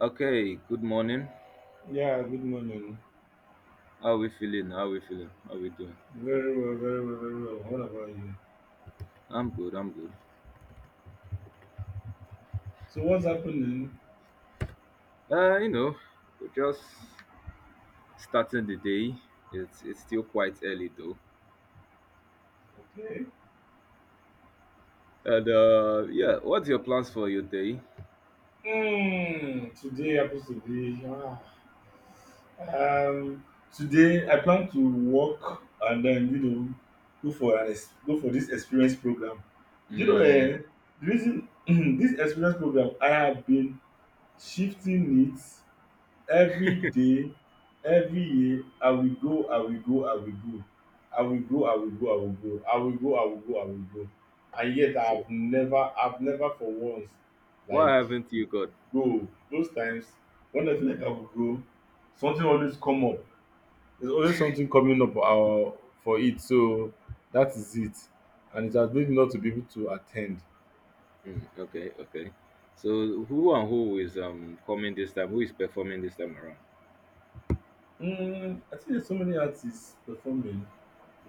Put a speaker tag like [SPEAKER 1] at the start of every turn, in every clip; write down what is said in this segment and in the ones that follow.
[SPEAKER 1] Okay, good morning.
[SPEAKER 2] Yeah, good morning.
[SPEAKER 1] How we feeling? How we feeling? How we doing?
[SPEAKER 2] Very well, very well, very well. What about you?
[SPEAKER 1] I'm good. I'm good.
[SPEAKER 2] So, what's happening?
[SPEAKER 1] Uh, you know, we're just starting the day. It's still quite early though.
[SPEAKER 2] Okay.
[SPEAKER 1] And yeah, what's your plans for your day?
[SPEAKER 2] Mm, today happens to be. Ah, um, Today I plan to work and then go for go for this experience program. You know,
[SPEAKER 1] Hmm.
[SPEAKER 2] eh, the reason this experience program I have been shifting it every day, every year. I will go, I will go, I will go, I will go, I will go, I will go, I will go, I will go, I will go, and yet i
[SPEAKER 1] So
[SPEAKER 2] have never i have never for once,
[SPEAKER 1] what
[SPEAKER 2] like,
[SPEAKER 1] haven't you got?
[SPEAKER 2] go those times when I feel like I will go, something always come up. There's always something coming up our for it, so that is it, and it has made
[SPEAKER 1] Mm.
[SPEAKER 2] me not to be able to attend.
[SPEAKER 1] Mm, okay, okay. So who and who is coming this time? Who is performing this time around?
[SPEAKER 2] I think there's so many artists performing.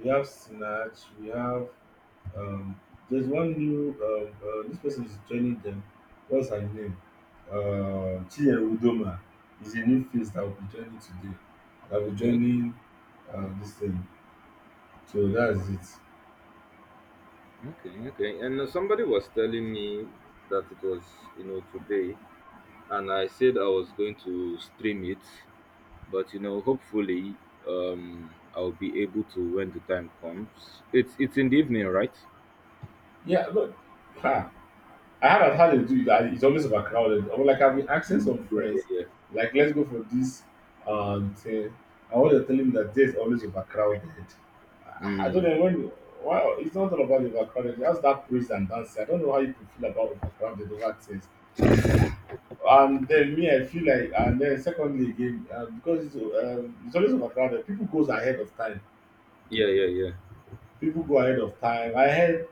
[SPEAKER 2] We have Sinach, we have Um, there's one new, this person is joining them. What's her name? Chie Udoma is a new face that will be joining today. That will be
[SPEAKER 1] Okay,
[SPEAKER 2] joining this thing. So that's it.
[SPEAKER 1] okay, okay. And somebody was telling me that it was today. And I said I was going to stream it, but hopefully, I'll be able to when the time comes. It's in the evening, right?
[SPEAKER 2] Yeah, look, ha, I haven't had to do that. It's always overcrowded. I'm like, I've been asking
[SPEAKER 1] Mm.
[SPEAKER 2] some
[SPEAKER 1] Yeah. Yeah,
[SPEAKER 2] friends,
[SPEAKER 1] yeah,
[SPEAKER 2] like, let's go for this thing. And what they're telling me that there's always overcrowded. I don't
[SPEAKER 1] mm,
[SPEAKER 2] know when. Well, it's not all about the overcrowded. Just that praise and dancing. I don't know how you could feel about overcrowded over things. Ah, And then me, I feel like, and then secondly again, because it's always overcrowded. People goes ahead of time.
[SPEAKER 1] yeah, yeah, yeah,
[SPEAKER 2] People go ahead of time. Ahead.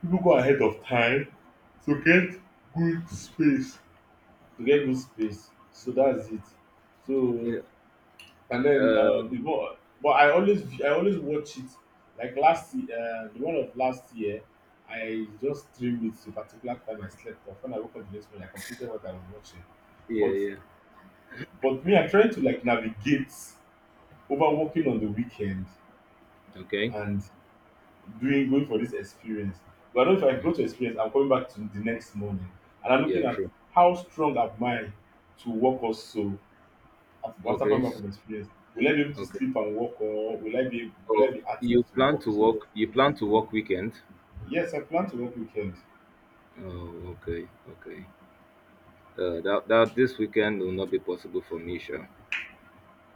[SPEAKER 2] People go ahead of time to get good space. To get good space. So that's it. So,
[SPEAKER 1] yeah,
[SPEAKER 2] and then the ball, but I always watch it. Like last year, the one of last year, I just streamed it to a particular time. I slept off. When I woke up the next morning, I completed what I was watching.
[SPEAKER 1] yeah,
[SPEAKER 2] But
[SPEAKER 1] yeah.
[SPEAKER 2] but me, I'm trying to like navigate over working on the weekend
[SPEAKER 1] Okay.
[SPEAKER 2] and doing going for this experience. But I don't know if I go
[SPEAKER 1] Mm.
[SPEAKER 2] to experience, I'm coming back to the next morning, and I'm looking
[SPEAKER 1] Yeah,
[SPEAKER 2] at
[SPEAKER 1] true.
[SPEAKER 2] how strong am I to work also. Af after
[SPEAKER 1] Okay,
[SPEAKER 2] coming back from experience, will I be able to
[SPEAKER 1] okay.
[SPEAKER 2] sleep and work, or will I be will I
[SPEAKER 1] Oh,
[SPEAKER 2] be active
[SPEAKER 1] you
[SPEAKER 2] to
[SPEAKER 1] plan
[SPEAKER 2] work?
[SPEAKER 1] to
[SPEAKER 2] So
[SPEAKER 1] work? You plan to work weekend?
[SPEAKER 2] yes, I plan to work weekend.
[SPEAKER 1] Oh, okay, okay. That this weekend will not be possible for me, sure.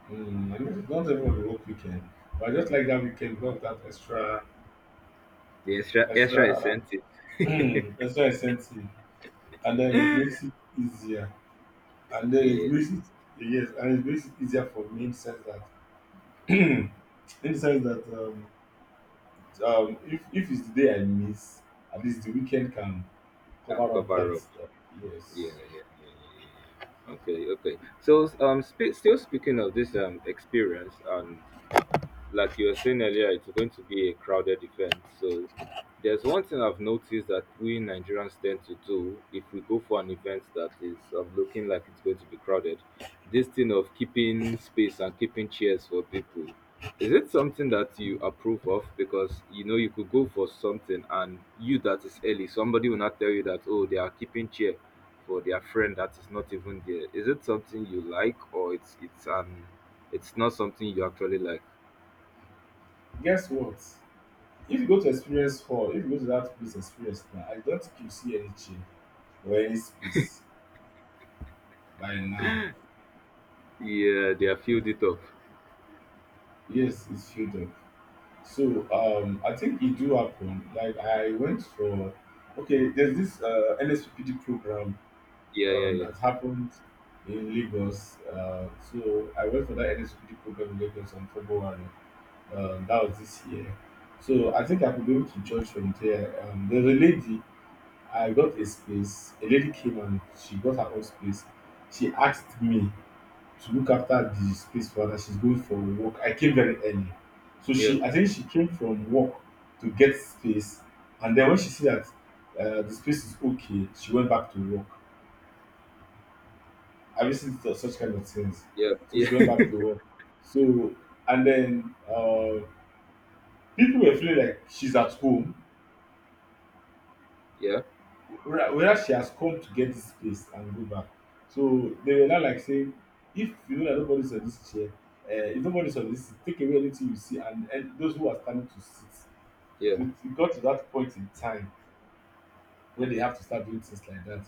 [SPEAKER 2] Mm, I do not everyone will work weekend, but I just like that weekend got that extra
[SPEAKER 1] The extra
[SPEAKER 2] extra
[SPEAKER 1] incentive,
[SPEAKER 2] extra incentive, and then it makes it easier, and then it
[SPEAKER 1] yes,
[SPEAKER 2] makes it yes, and it makes it easier for me in the sense that in the sense that if it's the day I miss, at least the weekend can
[SPEAKER 1] can
[SPEAKER 2] cover up
[SPEAKER 1] cover
[SPEAKER 2] that.
[SPEAKER 1] up. Yeah,
[SPEAKER 2] Yes.
[SPEAKER 1] yeah, yeah, yeah. Okay, okay. So, still speaking of this experience, and like you were saying earlier, it's going to be a crowded event. So there's one thing I've noticed that we Nigerians tend to do if we go for an event that is looking like it's going to be crowded. This thing of keeping space and keeping chairs for people. Is it something that you approve of? Because you know you could go for something and you that is early, somebody will not tell you that, oh, they are keeping chair for their friend that is not even there. Is it something you like, or it's an it's not something you actually like?
[SPEAKER 2] Guess what? If you go to experience four, if you go to that place experience now, I don't think you see any chair or any space by now.
[SPEAKER 1] Yeah, they are filled it up.
[SPEAKER 2] Yes, it's filled up. So um, I think it do happen. Like I went for, okay, there's this uh, NSPPD program
[SPEAKER 1] Yeah,
[SPEAKER 2] um,
[SPEAKER 1] yeah,
[SPEAKER 2] that happened in Lagos. Uh, so I went for that NSPPD program in Lagos on February. Um, that was this year. So I think I could be able to judge from there. Um, there's a lady. I got a space. A lady came and she got her own space. She asked me to look after the space for her, that she's going for work. I came very early, so
[SPEAKER 1] yeah, yeah,
[SPEAKER 2] she, I think she came from work to get space, and then when she see that the space is okay, she went back to work. Obviously, it's such kind of things.
[SPEAKER 1] yeah,
[SPEAKER 2] So she went
[SPEAKER 1] yeah,
[SPEAKER 2] back to work. So, and then people were feeling like she's at home,
[SPEAKER 1] yeah,
[SPEAKER 2] whether she has come to get this place and go back. So they were now like saying, if you know that nobody's on this chair, if nobody's on this seat, take away anything you see, and those who are standing to sit. So
[SPEAKER 1] yeah.
[SPEAKER 2] it got to that point in time where they have to start doing things like that,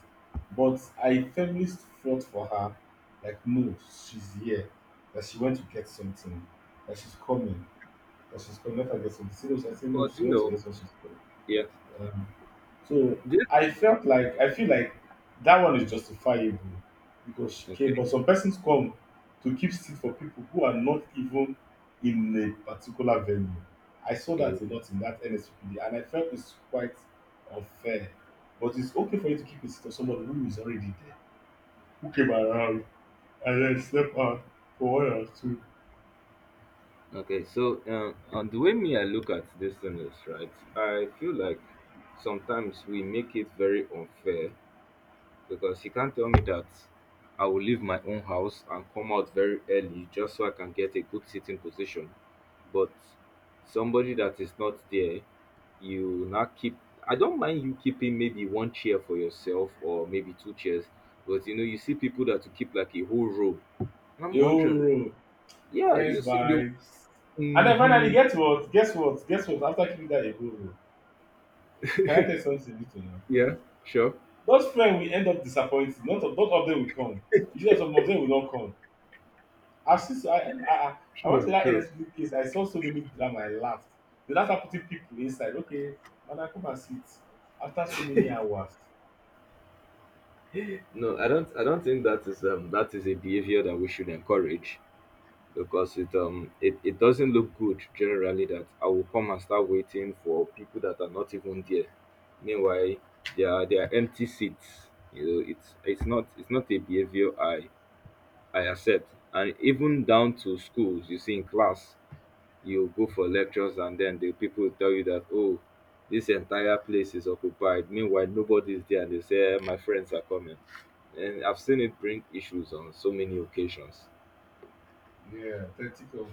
[SPEAKER 2] but I firmly fought for her, like, no, she's here, that she went to get something, that she's coming, that she's coming, let her get something. She was like, no,
[SPEAKER 1] But
[SPEAKER 2] she
[SPEAKER 1] you
[SPEAKER 2] went to
[SPEAKER 1] know,
[SPEAKER 2] get what she's coming.
[SPEAKER 1] yeah,
[SPEAKER 2] Um, so
[SPEAKER 1] this
[SPEAKER 2] I felt like, I feel like that one is justifiable because she came,
[SPEAKER 1] okay,
[SPEAKER 2] but some persons come to keep seat for people who are not even in a particular venue. I saw
[SPEAKER 1] yeah.
[SPEAKER 2] that a lot in that NSPD and I felt it's quite unfair. But it's okay for you to keep a seat for somebody who is already there, who came around and then slept on for one or two.
[SPEAKER 1] Okay. So, on the way me I look at this thing is right. I feel like sometimes we make it very unfair, because you can't tell me that I will leave my own house and come out very early just so I can get a good sitting position. But somebody that is not there, you now keep. I don't mind you keeping maybe one chair for yourself or maybe two chairs, but you know you see people that will keep like a whole row. And I'm
[SPEAKER 2] A whole
[SPEAKER 1] wondering,
[SPEAKER 2] row,
[SPEAKER 1] yeah,
[SPEAKER 2] friends
[SPEAKER 1] you see the.
[SPEAKER 2] vibes. And then finally,
[SPEAKER 1] Mm-hmm,
[SPEAKER 2] guess what? Guess what? Guess what? After keeping that a whole row, can I tell you something little now?
[SPEAKER 1] yeah, sure,
[SPEAKER 2] Those friends will end up disappointing. Not of, not all of them will come. Usually some of them will not come. I've seen so I went
[SPEAKER 1] true,
[SPEAKER 2] to that
[SPEAKER 1] true.
[SPEAKER 2] NSP case, I saw so many drama, I laughed. They laughed at putting people inside. Okay, madam, come and sit. After so many hours,
[SPEAKER 1] No, I don't. I don't think that is a behavior that we should encourage, because it it doesn't look good generally that I will come and start waiting for people that are not even there. Meanwhile, there are empty seats. You know, it's not a behavior I accept. And even down to schools, you see in class, you go for lectures and then the people will tell you that, oh, this entire place is occupied. Meanwhile, nobody's there, and they say, "Eh, my friends are coming." And I've seen it bring issues on so many occasions.
[SPEAKER 2] yeah, then think of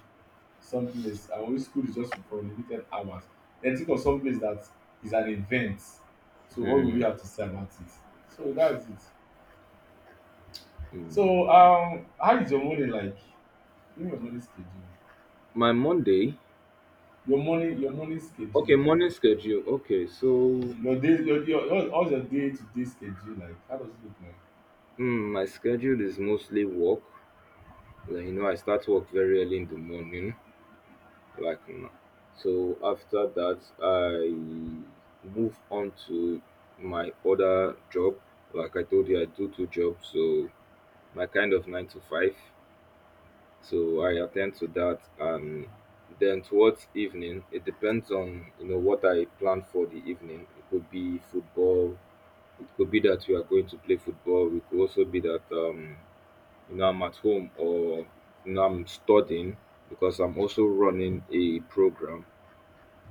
[SPEAKER 2] some place and when school is just for limited hours. Then think of some place that is an event. So what will you have to say about it? So that's it. So um, how is your morning like? Give me your morning schedule.
[SPEAKER 1] My Monday.
[SPEAKER 2] Your morning schedule.
[SPEAKER 1] Okay, morning schedule. Okay, so
[SPEAKER 2] Your day, your, how's your day to day schedule like? How does it look like?
[SPEAKER 1] mm, my schedule is mostly work. Like, you know, I start work very early in the morning. Like, n- so after that, I move on to my other job. Like I told you, I do two jobs. So my kind of nine to five. So I attend to that, and then towards evening, it depends on you know what I plan for the evening. It could be football. It could be that we are going to play football. It could also be that you know I'm at home, or you know I'm studying because I'm also running a program.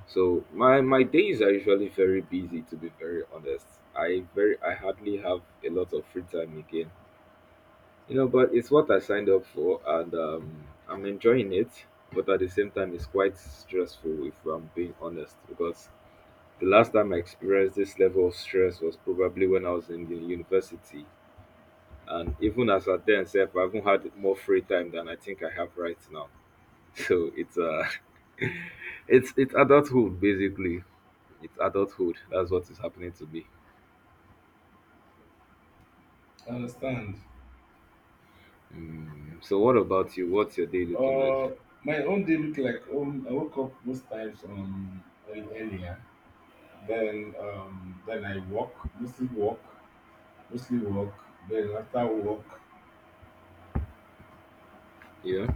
[SPEAKER 1] So my days are usually very busy. To be very honest, I hardly have a lot of free time again. You know, but it's what I signed up for, and I'm enjoying it. But at the same time, it's quite stressful, if I'm being honest, because the last time I experienced this level of stress was probably when I was in the university. And even as at then, self, I even had more free time than I think I have right now. So it's it's adulthood basically. It's adulthood. That's what is happening to me.
[SPEAKER 2] I understand.
[SPEAKER 1] Mm. So what about you? What's your day looking
[SPEAKER 2] Uh,
[SPEAKER 1] like?
[SPEAKER 2] my own day look like I woke up most times um, early, earlier. Then um, then I walk, mostly walk mostly walk. Then after walk,
[SPEAKER 1] Yeah,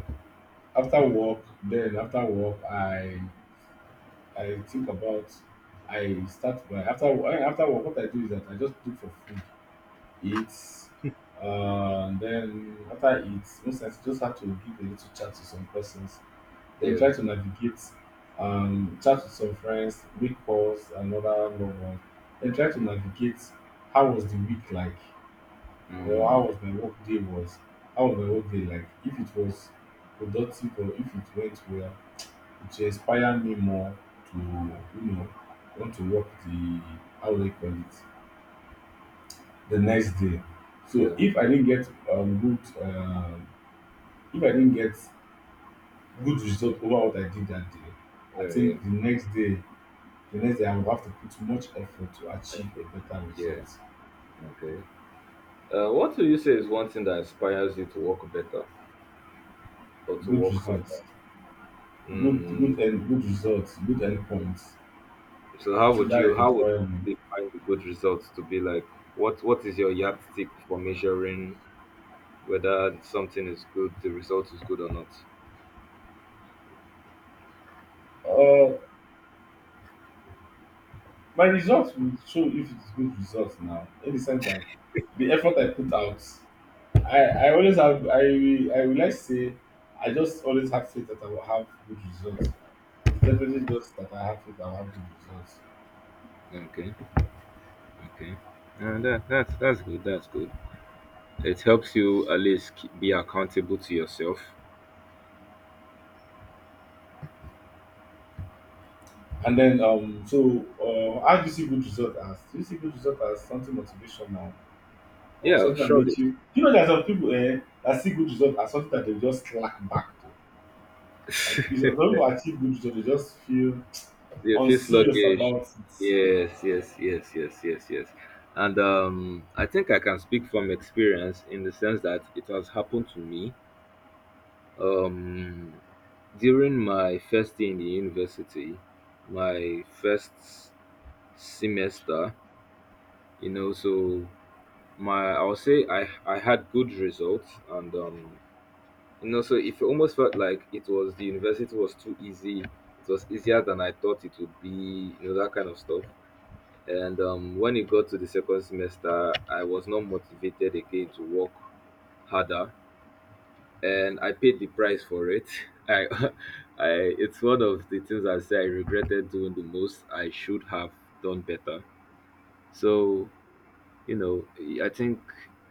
[SPEAKER 2] after walk then after walk I think about, I start by after work what I do is that I just look for food. Eat. Then after it, most times you just have to give a little chat to some persons. Then
[SPEAKER 1] yeah,
[SPEAKER 2] try to navigate, chat with some friends, week calls, and other loved ones. Then try to navigate how was the week like, or how
[SPEAKER 1] mm,
[SPEAKER 2] was my work day was, how was my work day like. If it was productive or if it went well, it should inspire me more to, want to work the, how do I call it, the next day. So
[SPEAKER 1] yeah,
[SPEAKER 2] if I didn't get good, if I didn't get good result over what I did that day, I
[SPEAKER 1] yeah, yeah.
[SPEAKER 2] think the next day I will have to put much effort to
[SPEAKER 1] I
[SPEAKER 2] achieve
[SPEAKER 1] feel-
[SPEAKER 2] a better
[SPEAKER 1] Yeah.
[SPEAKER 2] result,
[SPEAKER 1] Okay. What do you say is one thing that inspires you to work better or to
[SPEAKER 2] good
[SPEAKER 1] work
[SPEAKER 2] results,
[SPEAKER 1] harder?
[SPEAKER 2] good
[SPEAKER 1] Mm.
[SPEAKER 2] good and good results, good endpoints.
[SPEAKER 1] So
[SPEAKER 2] I think that is
[SPEAKER 1] how would
[SPEAKER 2] empowering me.
[SPEAKER 1] you find the good results to be like, what is your yardstick for measuring whether something is good, the result is good or not?
[SPEAKER 2] Uh, my results will show if it's good results now. In the sense, like the effort I put out, I, I always have, I would like to say I just always have faith that I will have good results. It's definitely just that I have faith I will have good results.
[SPEAKER 1] Okay, okay. That that's good. That's good. It helps you at least keep, be accountable to yourself.
[SPEAKER 2] And then um, so how do you see good result as? Do you see good result as something motivational or
[SPEAKER 1] Yeah,
[SPEAKER 2] something that
[SPEAKER 1] surely.
[SPEAKER 2] makes you, you know, there's some people eh, that see good result as something that they just slack back to. Some people achieve good result, they just feel
[SPEAKER 1] You feel
[SPEAKER 2] unserious
[SPEAKER 1] sluggish.
[SPEAKER 2] about it.
[SPEAKER 1] Yes, yes, yes, yes, yes, yes. And I think I can speak from experience in the sense that it has happened to me. Um, During my first day in the university, my first semester, you know, so my I'll say I had good results, and you know so it almost felt like it was the university was too easy, it was easier than I thought it would be, you know, that kind of stuff. And when it got to the second semester, I was not motivated again to work harder, and I paid the price for it. I, I, it's one of the things I say I regretted doing the most. I should have done better. So, you know, I think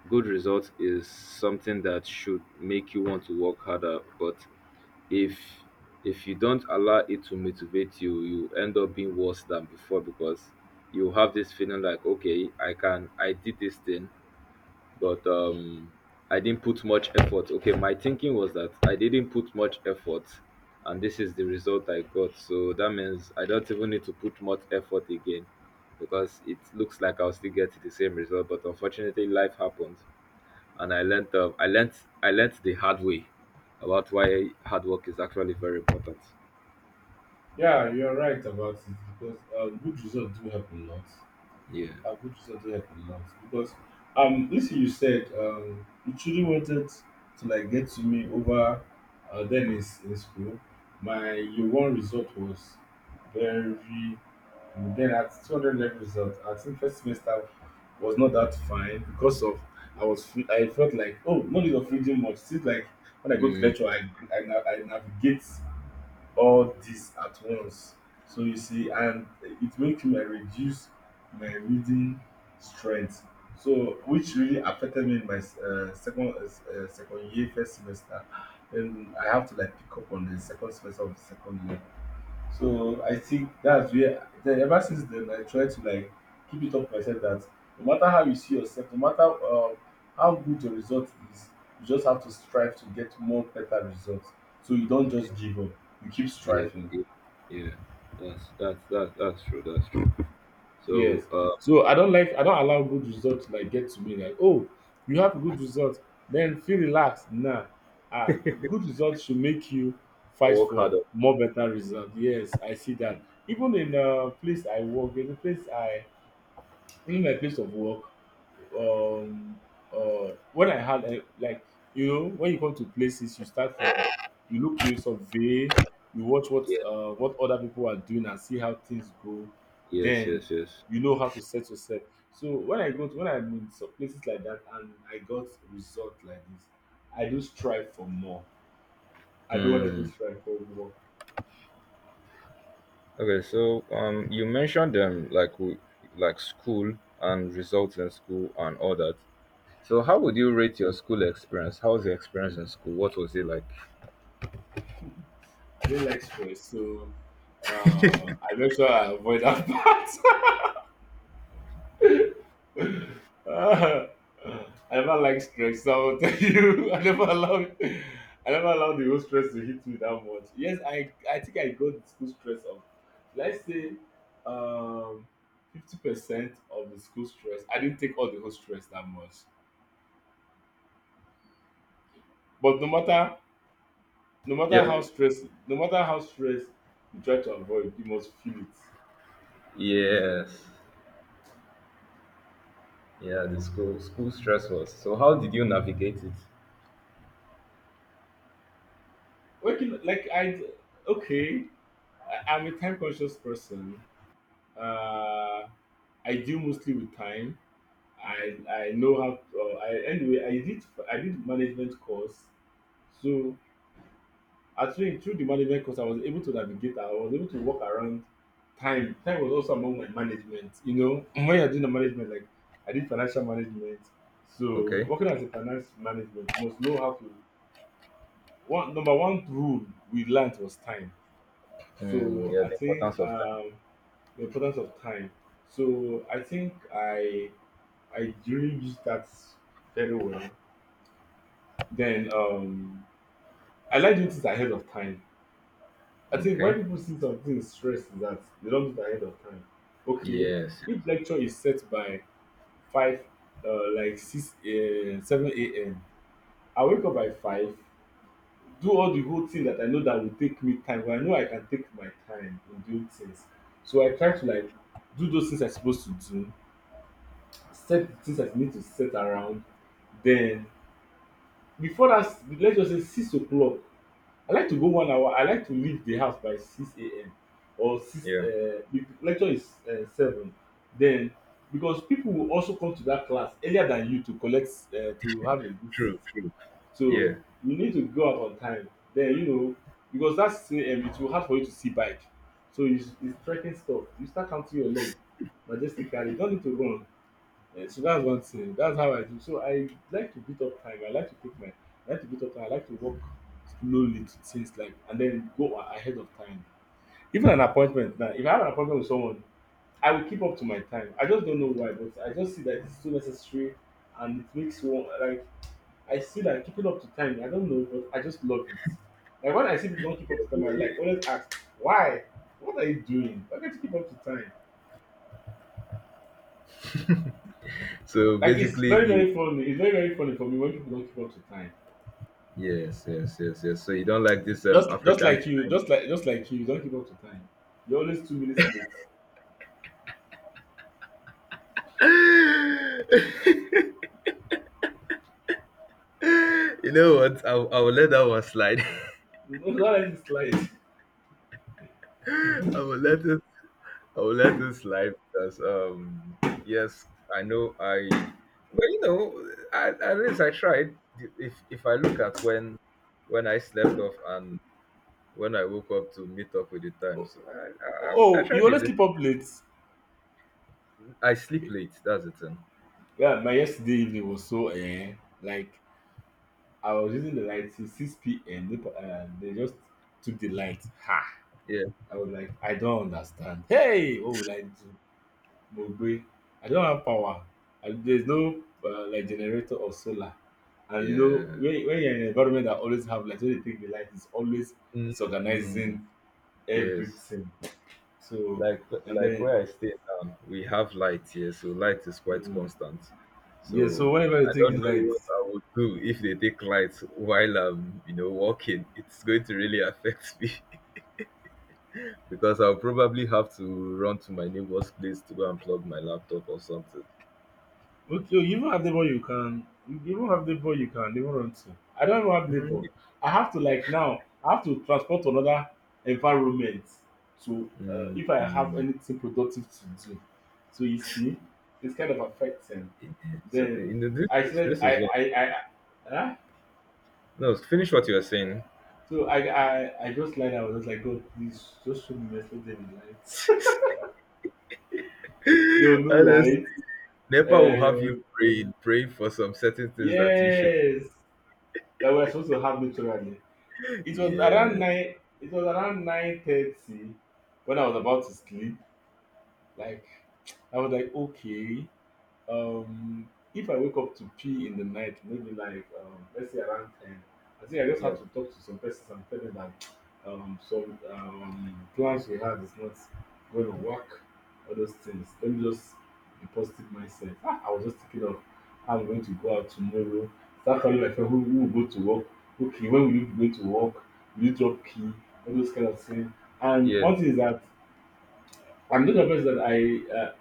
[SPEAKER 1] good results is something that should make you want to work harder. But if if you don't allow it to motivate you, you end up being worse than before, because you have this feeling like, okay, I did this thing, but I didn't put much effort. Okay, my thinking was that I didn't put much effort, and this is the result I got. So that means I don't even need to put much effort again, because it looks like I'll still get the same result. But unfortunately, life happened, and I learned. I learned. I learned the hard way about why hard work is actually very important.
[SPEAKER 2] Yeah, you're right about it because good results do help a lot.
[SPEAKER 1] Yeah.
[SPEAKER 2] I would do something I can love because um, listen, you said um, you truly wanted to like get to me over then in school. My year one result was very good. Then at 200 level result, I think first semester was not that fine because of, I felt like, oh, no need of reading much. Since like when I go to
[SPEAKER 1] Mm,
[SPEAKER 2] lecture I, I navigate all this at once. So you see, and it made me reduce my reading strength. So which really affected me in my second second year first semester, and I have to like pick up on the second semester of the second year. So I think that's where, then ever since then I try to like keep it up myself that no matter how you see yourself, no matter how good your result is, you just have to strive to get more better results. So you don't just give up. You keep
[SPEAKER 1] yeah,
[SPEAKER 2] striving.
[SPEAKER 1] yeah, yeah. That's that's true. That's true.
[SPEAKER 2] Yes.
[SPEAKER 1] So
[SPEAKER 2] So I don't allow good results to like get to me like, oh, you have good results then feel relaxed. Nah. Ah, good results should make you fight
[SPEAKER 1] work
[SPEAKER 2] for
[SPEAKER 1] harder.
[SPEAKER 2] more better results. Yes, I see that even in a place I work. There's a place I In my place of work, um, when I had a, like, you know, when you come to places, you start from, you look, you survey, you watch
[SPEAKER 1] Yeah.
[SPEAKER 2] what other people are doing and see how things go.
[SPEAKER 1] Yes,
[SPEAKER 2] Then
[SPEAKER 1] yes, yes.
[SPEAKER 2] you know how to set yourself. So when I'm in some places like that and I got result like this, I do strive for more. I don't want to
[SPEAKER 1] Mm,
[SPEAKER 2] strive for more.
[SPEAKER 1] okay, so you mentioned them like like school and results in school and all that. So how would
[SPEAKER 2] Mm.
[SPEAKER 1] you rate your school experience? How was the experience in school? What was it like?
[SPEAKER 2] I didn't like stress, so I make sure I avoid that part. I never like stress, so I'll tell you, I never allowed the whole stress to hit me that much. Yes, I think I got the school stress of, let's say, um, 50% of the school stress. I didn't take all the whole stress that much. But no matter how
[SPEAKER 1] Yeah,
[SPEAKER 2] stress, no matter how stress you try to avoid, you must feel it.
[SPEAKER 1] yes, yeah. The school stress was. So how did you navigate it?
[SPEAKER 2] Waking, like okay, I'm a time conscious person. Uh, I deal mostly with time. I know how. I anyway. I did management course, so actually through the management course, I was able to navigate. I was able to walk around time. Time was also among my management. You know, when you're doing the management, like I did financial management. So
[SPEAKER 1] Okay.
[SPEAKER 2] working as a finance management, you must know how to. One Number one rule we learned was time.
[SPEAKER 1] Mm,
[SPEAKER 2] So
[SPEAKER 1] yeah,
[SPEAKER 2] I
[SPEAKER 1] the
[SPEAKER 2] think
[SPEAKER 1] importance of
[SPEAKER 2] the importance of time. So I I really used that very well. Then I like doing things ahead of time. I
[SPEAKER 1] time.
[SPEAKER 2] think why
[SPEAKER 1] Okay.
[SPEAKER 2] people see some things stress is that they don't do it ahead of time. Okay,
[SPEAKER 1] Yes, yes.
[SPEAKER 2] if lecture is set by five, 7 a.m. I wake up by 5, do all the whole thing that I know that will take me time. But I know I can take my time in doing things, so I try to like do those things I'm supposed to do, set the things I need to set around, then before that let's just say 6 o'clock. I like to go 1 hour. I like to leave the house by 6 a.m or six.
[SPEAKER 1] Yeah.
[SPEAKER 2] If the lecture is 7, then because people will also come to that class earlier than you to collect to have a good seat,
[SPEAKER 1] True, true.
[SPEAKER 2] so
[SPEAKER 1] Yeah.
[SPEAKER 2] you need to go out on time. Then you know, because that's 6 a.m, it will hard for you to see bike, so it's trekking stuff. You start counting your leg majestically. You no need to run. Eh, so that's one thing. That's how I do. So I like to beat up time. I like to beat up time. I like to work slowly to things like and then go ahead of time. Even an appointment now. If I have an appointment with someone, I will keep up to my time. I just don't know why, but I just see that it's so necessary and it makes one like, I see that keeping up to time, I don't know, but I just love it. Like when I see people don't keep up to time, I like always ask, why? What are you doing? Why can't you keep up to time?
[SPEAKER 1] So
[SPEAKER 2] Like it's
[SPEAKER 1] basically,
[SPEAKER 2] very,
[SPEAKER 1] you.
[SPEAKER 2] very funny. It's very, very funny for me when people don't keep up to time.
[SPEAKER 1] Yes, yes, yes, yes. So you don't like this African
[SPEAKER 2] Just like you, don't keep up to time. You're always 2 minutes late.
[SPEAKER 1] time. You know what? I will let that one slide.
[SPEAKER 2] No, don't let it slide.
[SPEAKER 1] I will let it. I will let it slide because yes, I know I. But you know, I, at least I tried. If I look at when I slept off and when I woke up to meet up with the times, I
[SPEAKER 2] Oh,
[SPEAKER 1] tried
[SPEAKER 2] you
[SPEAKER 1] a
[SPEAKER 2] always
[SPEAKER 1] little.
[SPEAKER 2] keep up late.
[SPEAKER 1] I sleep late. That's the thing.
[SPEAKER 2] Yeah, my yesterday evening was so eh, like I was using the light till six p.m. They just took the light. Ha!
[SPEAKER 1] Yeah.
[SPEAKER 2] I was like, I don't understand. Hey, what will I do? Mogbe, I don't have power. And there's no like generator or solar. And you know,
[SPEAKER 1] Yeah.
[SPEAKER 2] when you're in an environment that always have light, when they take the light, it's always
[SPEAKER 1] Mm,
[SPEAKER 2] disorganizing
[SPEAKER 1] yes.
[SPEAKER 2] everything. So
[SPEAKER 1] like
[SPEAKER 2] and
[SPEAKER 1] like
[SPEAKER 2] then
[SPEAKER 1] where I stay now, we have light here, so light is quite
[SPEAKER 2] um,
[SPEAKER 1] constant.
[SPEAKER 2] yeah,
[SPEAKER 1] So
[SPEAKER 2] so whenever you
[SPEAKER 1] I
[SPEAKER 2] take
[SPEAKER 1] don't
[SPEAKER 2] the
[SPEAKER 1] know
[SPEAKER 2] light,
[SPEAKER 1] what I would do if they take light while I'm, you know, walking. It's going to really affect me because I'll probably have to run to my neighbor's place to go and plug my laptop or something.
[SPEAKER 2] okay, oh, you even have neighbor you can neighbor run to. I don't even have neighbor.
[SPEAKER 1] Mm,
[SPEAKER 2] I have to like now I have to transport to another environment to
[SPEAKER 1] mm,
[SPEAKER 2] if I have
[SPEAKER 1] mm.
[SPEAKER 2] anything productive to do. So you see, it's kind of affecting.
[SPEAKER 1] So you
[SPEAKER 2] Then
[SPEAKER 1] know,
[SPEAKER 2] I said
[SPEAKER 1] this is what
[SPEAKER 2] I huh?
[SPEAKER 1] no finish what you were saying.
[SPEAKER 2] So I just lied. I was just like, God, please just show me my light. They will know
[SPEAKER 1] Honestly,
[SPEAKER 2] right.
[SPEAKER 1] Nepa will have you
[SPEAKER 2] Um,
[SPEAKER 1] praying, praying for some certain things that you should.
[SPEAKER 2] yes, that we were supposed to have literally. It was
[SPEAKER 1] Yeah,
[SPEAKER 2] around 9. It was around 9:30 when I was about to sleep. Like I was like, okay. If I wake up to pee in the night, maybe like let's say around 10, I think I just
[SPEAKER 1] yeah,
[SPEAKER 2] have to talk to some persons and tell them that some plans we had is not going to work. All those things. Let me just be positive myself. Ah, I was just thinking of how I'm going to go out tomorrow. Start calling my friend who will go to work. Okay, when will you be going to work? Will you drop key? All those kind of things. And
[SPEAKER 1] yeah.
[SPEAKER 2] one thing is that I'm not convinced that I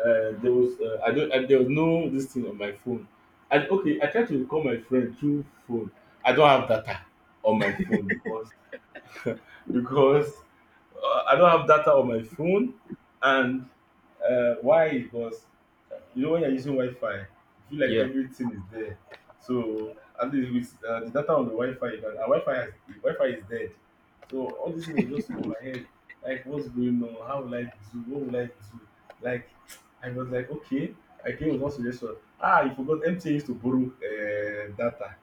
[SPEAKER 2] there was I don't I, there was no this thing on my phone. And okay, I tried to call my friend through phone. I don't have data on my phone because because I don't have data on my phone. And why it was, you know, when you're using Wi-Fi, you feel like
[SPEAKER 1] Yeah.
[SPEAKER 2] everything is there. So at least with the data on the Wi-Fi, you the Wi-Fi is dead. So all this thing was just on my head. Like what's going on? How will I do? What will I do? Like I was like, okay, I came with one suggestion. Ah, you forgot MTN used to borrow data.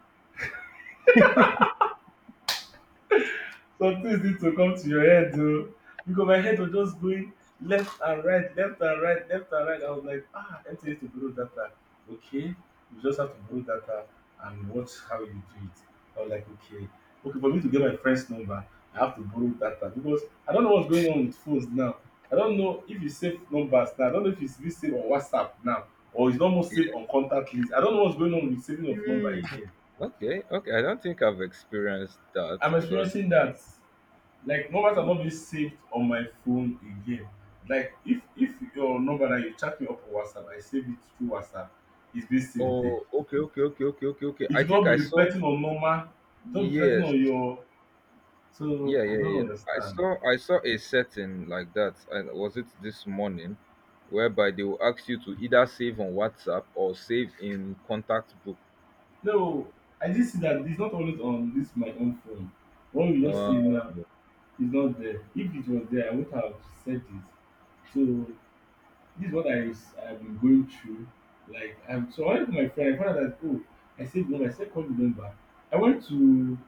[SPEAKER 2] Some things need to come to your head o, because my head was just going left and right, left and right, left and right. I was like, ah, MTN used to borrow data. Okay, you just have to borrow data and watch how you do it. I was like, okay. Okay, for me to get my friend's number, I have to borrow data because I don't know what's going on with phones now. I don't know if you save numbers now. I don't know if it's still saved on WhatsApp now or it's not more saved on contact list. I don't know what's going on with saving of number again.
[SPEAKER 1] Okay, okay. I don't think I've experienced that
[SPEAKER 2] I'm
[SPEAKER 1] because
[SPEAKER 2] experiencing that. Like numbers are
[SPEAKER 1] Hmm.
[SPEAKER 2] not being saved on my phone again. Like if your number that you chat me up on whatsapp, I save it through whatsapp, it's been saved there.
[SPEAKER 1] Oh, okay, okay, okay, okay, okay, okay.
[SPEAKER 2] It
[SPEAKER 1] I
[SPEAKER 2] should not
[SPEAKER 1] think
[SPEAKER 2] be
[SPEAKER 1] I saw
[SPEAKER 2] reflecting on normal. It's not reflecting
[SPEAKER 1] yes,
[SPEAKER 2] on your, so
[SPEAKER 1] yeah,
[SPEAKER 2] I
[SPEAKER 1] yeah,
[SPEAKER 2] don't
[SPEAKER 1] yeah, yeah.
[SPEAKER 2] understand.
[SPEAKER 1] I saw a setting like that, and was it this morning, whereby they will ask you to either save on WhatsApp or save in contact book.
[SPEAKER 2] No, I just see that it's not always on this my own phone. What we just see
[SPEAKER 1] Uh,
[SPEAKER 2] now is not there. If it was there I would have said it. So this is what I've been going through. Like I'm so, I went to my friend, I found out that, oh, I saved the number, I said call the number. I went to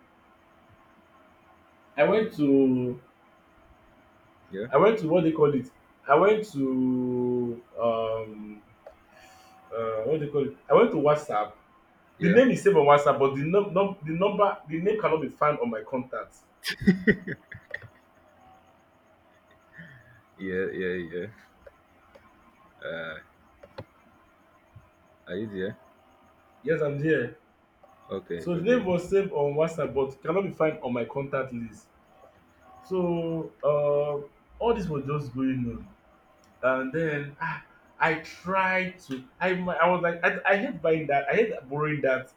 [SPEAKER 2] I went to
[SPEAKER 1] yeah,
[SPEAKER 2] I went to what they call it. I went to what they call it. I went to WhatsApp. The
[SPEAKER 1] yeah,
[SPEAKER 2] name is saved on WhatsApp, but the number the name cannot be found on my contacts.
[SPEAKER 1] yeah, yeah, yeah. Uh, are you there?
[SPEAKER 2] Yes, I'm there.
[SPEAKER 1] Okay,
[SPEAKER 2] So the name
[SPEAKER 1] okay.
[SPEAKER 2] was saved on WhatsApp, but cannot be found on my contact list. So all this was just going on. And then ah, I tried to. I mi- I was like, I hate buying that. I hate borrowing that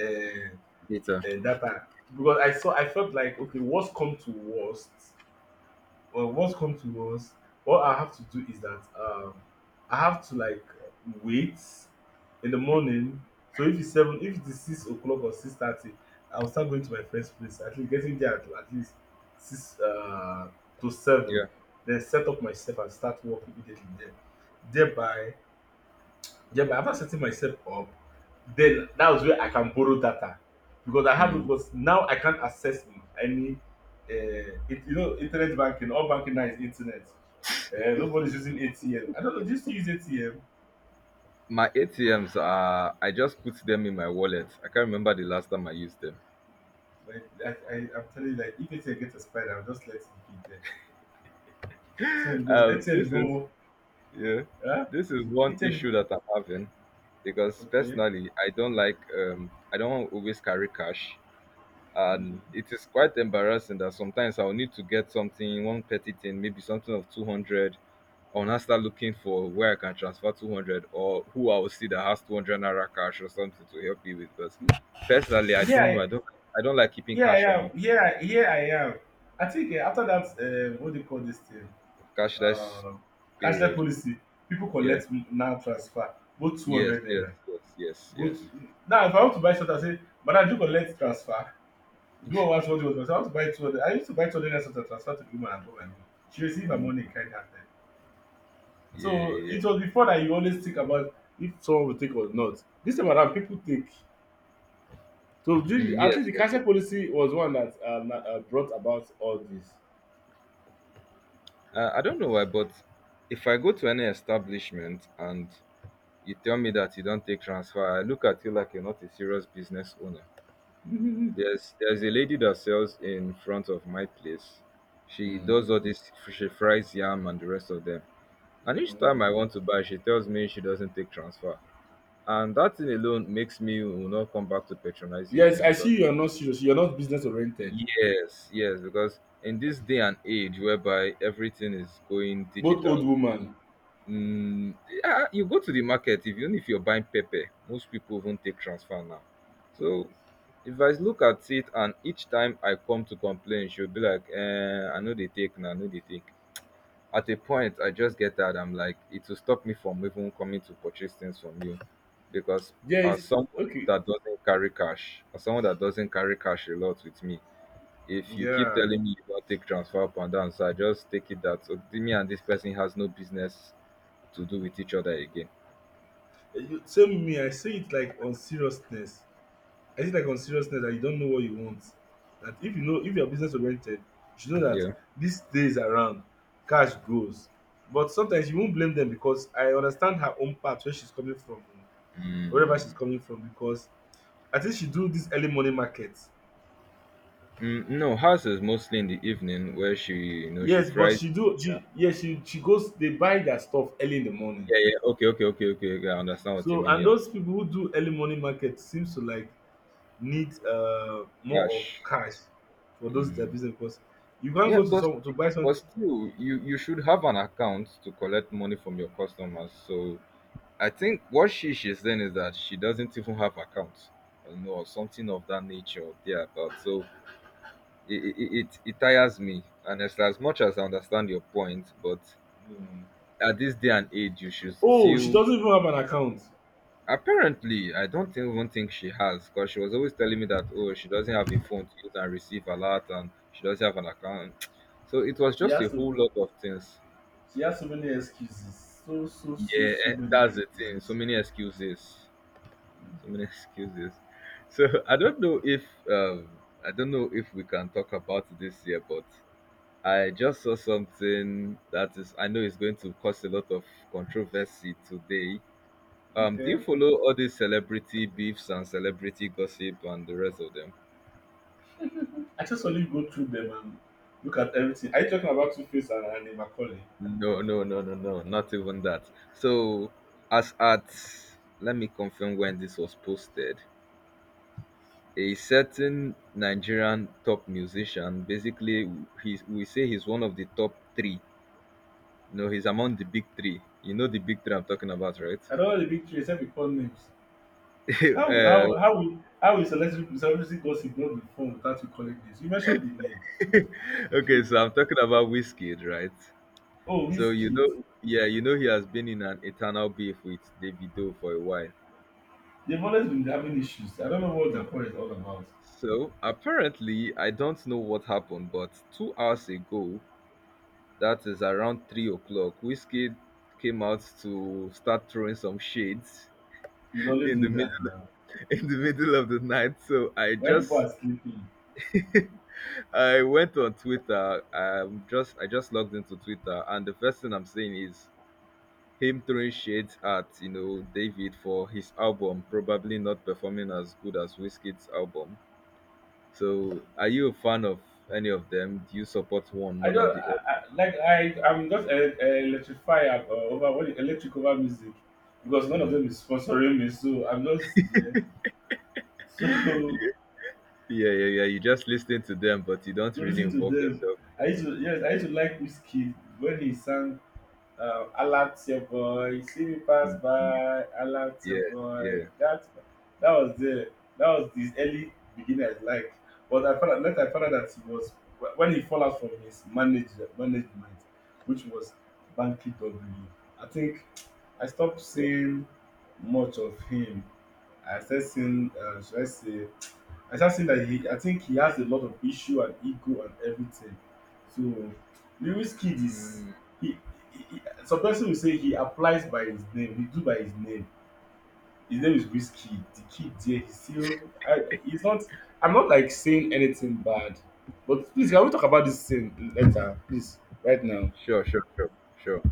[SPEAKER 2] uh,
[SPEAKER 1] Data.
[SPEAKER 2] uh, data, because I saw. I felt like okay, worst come to worst well, what come to was what I have to do is that I have to like wait in the morning. So if it's seven, if it is 6 o'clock or 6:30, I will start going to my friend's place. At least getting there at least six to
[SPEAKER 1] Yeah.
[SPEAKER 2] 7, then set up myself and start work immediately there. Thereby, yeah, but after setting myself up, then that was where I can borrow data because I have it.
[SPEAKER 1] Mm,
[SPEAKER 2] Because now I can't access any, you know, internet banking. All banking now is internet. Nobody's using ATM. I don't know. Just use ATM.
[SPEAKER 1] my ATMs are I just put them in my wallet. I can't remember the last time I used them.
[SPEAKER 2] Like I'm telling you, like if ATM gets expired, I'll just let it be there. So because ATM is
[SPEAKER 1] This
[SPEAKER 2] no
[SPEAKER 1] is
[SPEAKER 2] more.
[SPEAKER 1] yeah,
[SPEAKER 2] Huh?
[SPEAKER 1] this is one
[SPEAKER 2] ATM is
[SPEAKER 1] issue that I'm having, because
[SPEAKER 2] okay.
[SPEAKER 1] personally I don't like I don't always carry cash,
[SPEAKER 2] Mm.
[SPEAKER 1] and it is quite embarrassing that sometimes I'll need to get something one petty thing maybe something of 200. I'll now start looking for where I can transfer 200, or who I will see that has 200 naira cash or something to help me with. Because personally, I
[SPEAKER 2] Yeah,
[SPEAKER 1] don't know.
[SPEAKER 2] I-
[SPEAKER 1] I don't. I don't like keeping
[SPEAKER 2] yeah, I
[SPEAKER 1] cash on
[SPEAKER 2] am.
[SPEAKER 1] me.
[SPEAKER 2] Yeah, yeah, I am. I think after that, what do you call this thing?
[SPEAKER 1] Cashless
[SPEAKER 2] um Cashless
[SPEAKER 1] period.
[SPEAKER 2] policy, people
[SPEAKER 1] Yeah.
[SPEAKER 2] collect now transfer both two
[SPEAKER 1] Yes,
[SPEAKER 2] hundred
[SPEAKER 1] yes,
[SPEAKER 2] naira,
[SPEAKER 1] yes, yes,
[SPEAKER 2] both.
[SPEAKER 1] yes.
[SPEAKER 2] Now if I want to buy something, I say, madam, do you collect transfer? Do woman want what she want transfer? I want to buy 200. I used to buy 200 naira salt and transfer to the woman and go my way. She received her
[SPEAKER 1] Mm,
[SPEAKER 2] money in kind handed.
[SPEAKER 1] yeah,
[SPEAKER 2] So
[SPEAKER 1] yeah.
[SPEAKER 2] it was before that you always think about if someone will take or not. This time around people take. So during the
[SPEAKER 1] Mm,
[SPEAKER 2] at least
[SPEAKER 1] yes,
[SPEAKER 2] the
[SPEAKER 1] yes,
[SPEAKER 2] cashless
[SPEAKER 1] yes.
[SPEAKER 2] policy was one that brought about all this.
[SPEAKER 1] I don't know why, but if I go to any establishment and you tell me that you don't take transfer, I look at you like you're not a serious business owner. There's a lady that sells in front of my place. She does
[SPEAKER 2] Hmm.
[SPEAKER 1] all this. She fries yam and the rest of them. And each time I want to buy, she tells me she doesn't take transfer. And that thing alone makes me will not come back to patronize you
[SPEAKER 2] Yes,
[SPEAKER 1] again
[SPEAKER 2] I
[SPEAKER 1] because
[SPEAKER 2] see you're not serious. You're not business oriented.
[SPEAKER 1] yes, yes, because in this day and age whereby everything is going
[SPEAKER 2] Both old
[SPEAKER 1] digital,
[SPEAKER 2] woman.
[SPEAKER 1] mm, yeah, you go to the market if even if you're buying pepper, most people won't take transfer now. So if I look at it and each time I come to complain, she'll be like, eh, I know they take now, I know they take at a point I just get that I'm like it will stop me from even coming to purchase things from you because
[SPEAKER 2] There
[SPEAKER 1] as
[SPEAKER 2] is
[SPEAKER 1] someone
[SPEAKER 2] okay.
[SPEAKER 1] as someone that doesn't carry cash a lot with me. If you keep
[SPEAKER 2] Yeah.
[SPEAKER 1] telling me you don't take transfer up and down, so I just take it that so me and this person has no business to do with each other again.
[SPEAKER 2] Eh, you, same me, I say it like on seriousness. I say it like on seriousness that you don't know what you want. That if you know if you're business oriented, you should know that
[SPEAKER 1] Yeah,
[SPEAKER 2] these days around, cash goes. But sometimes you won't blame them because I understand her own part where she's coming from, wherever
[SPEAKER 1] mm,
[SPEAKER 2] she's coming from, because I think she do this early morning market.
[SPEAKER 1] mm, no, hers is mostly in the evening where she, you know, she
[SPEAKER 2] Yes, but
[SPEAKER 1] fries.
[SPEAKER 2] she do she, yeah, she goes they buy their stuff early in the morning.
[SPEAKER 1] Yeah, yeah, okay, okay, okay, okay, okay, I understand what you
[SPEAKER 2] So
[SPEAKER 1] mean.
[SPEAKER 2] and
[SPEAKER 1] Yeah,
[SPEAKER 2] those people who do early morning market seems to like need more of
[SPEAKER 1] cash.
[SPEAKER 2] cash for those their
[SPEAKER 1] Mm.
[SPEAKER 2] business because you can't
[SPEAKER 1] Yeah,
[SPEAKER 2] go to some to buy
[SPEAKER 1] but
[SPEAKER 2] something.
[SPEAKER 1] still, you should have an account to collect money from your customers. So I think what she's saying is that she doesn't even have accounts, or something of that nature or thereabout. So it tires me, and as much as I understand your point, but
[SPEAKER 2] Mm.
[SPEAKER 1] at this day and age, you should
[SPEAKER 2] Oh, she
[SPEAKER 1] still.
[SPEAKER 2] doesn't even have an account.
[SPEAKER 1] Apparently, I don't even think she has, because she was always telling me that oh, she doesn't have a phone to use and receive a lot, and she doesn't have an account. So it was
[SPEAKER 2] She
[SPEAKER 1] just a
[SPEAKER 2] has to.
[SPEAKER 1] whole lot of things.
[SPEAKER 2] She has so many excuses.
[SPEAKER 1] Yeah,
[SPEAKER 2] So
[SPEAKER 1] eh,
[SPEAKER 2] many
[SPEAKER 1] that's the thing. So
[SPEAKER 2] excuses.
[SPEAKER 1] many excuses. So many excuses. So I don't know if I don't know if we can talk about this year, but I just saw something that is I know is going to cause a lot of controversy today. Do you
[SPEAKER 2] Okay.
[SPEAKER 1] follow all these celebrity beefs and celebrity gossip and the rest of them?
[SPEAKER 2] I just only go through them and look at everything. Are you talking about Two Face and, Macaulay?
[SPEAKER 1] No, no, no, no, no, not even that. So as at let me confirm when this was posted. A certain Nigerian top musician, basically, he's, we say he's one of the top three. No, he's among the big three. You know the big three I'm talking about, right?
[SPEAKER 2] I don't know the big three except we call names. How
[SPEAKER 1] uh,
[SPEAKER 2] how how will how will celebrity gossip not be phone without you calling names? You mentioned the name.
[SPEAKER 1] okay, so I'm talking about Wizkid, right?
[SPEAKER 2] Oh,
[SPEAKER 1] So you
[SPEAKER 2] Wizkid.
[SPEAKER 1] know, yeah, you know he has been in an eternal beef with Davido for a while.
[SPEAKER 2] They've always been having issues. I don't know what the point is all about.
[SPEAKER 1] So apparently, I don't know what happened, but 2 hours ago, that is around 3 o'clock, Wizkid came out to start throwing some shades
[SPEAKER 2] He's always
[SPEAKER 1] in the
[SPEAKER 2] doing that
[SPEAKER 1] middle
[SPEAKER 2] now.
[SPEAKER 1] in the middle of the night. So I
[SPEAKER 2] Why people are
[SPEAKER 1] just
[SPEAKER 2] sleeping?
[SPEAKER 1] I went on Twitter. Just I just logged into Twitter, and the first thing I'm seeing is him throwing shades at you know David for his album probably not performing as good as Whiskey's album. So are you a fan of any of them? Do you support one
[SPEAKER 2] I
[SPEAKER 1] more than
[SPEAKER 2] don't
[SPEAKER 1] the
[SPEAKER 2] I, like I'm just electrified over what is electric, over music, because none of
[SPEAKER 1] other?
[SPEAKER 2] them is sponsoring me, so I'm just there.
[SPEAKER 1] Mm.
[SPEAKER 2] So
[SPEAKER 1] Yeah, yeah, yeah. You just listen to them, but you don't
[SPEAKER 2] to
[SPEAKER 1] really
[SPEAKER 2] listen to
[SPEAKER 1] involve
[SPEAKER 2] them,
[SPEAKER 1] yourself.
[SPEAKER 2] I used
[SPEAKER 1] Mm.
[SPEAKER 2] to, yes, I used to like Whiskey when he sang, "Alert your boy, see me pass
[SPEAKER 1] Mm.
[SPEAKER 2] by, alert your
[SPEAKER 1] Yeah,
[SPEAKER 2] boy."
[SPEAKER 1] yeah,
[SPEAKER 2] That was the, that was the early beginning I like. But I found out later, I found out that he was when he fell out from his manager management, which was Banky W. I think I stopped
[SPEAKER 1] yeah.
[SPEAKER 2] seeing much of him. I started seeing should I say, I just think that I think he has a lot of issue and ego and everything. So, Lewis Kid is
[SPEAKER 1] Mm.
[SPEAKER 2] he, he. Some person will say he applies by his name. He do by his name. His name is Whiskey. The kid there, he's still. He's not. I'm not like saying anything bad, but please, can we talk about this thing later, please? Right now.
[SPEAKER 1] Sure, sure, sure, sure.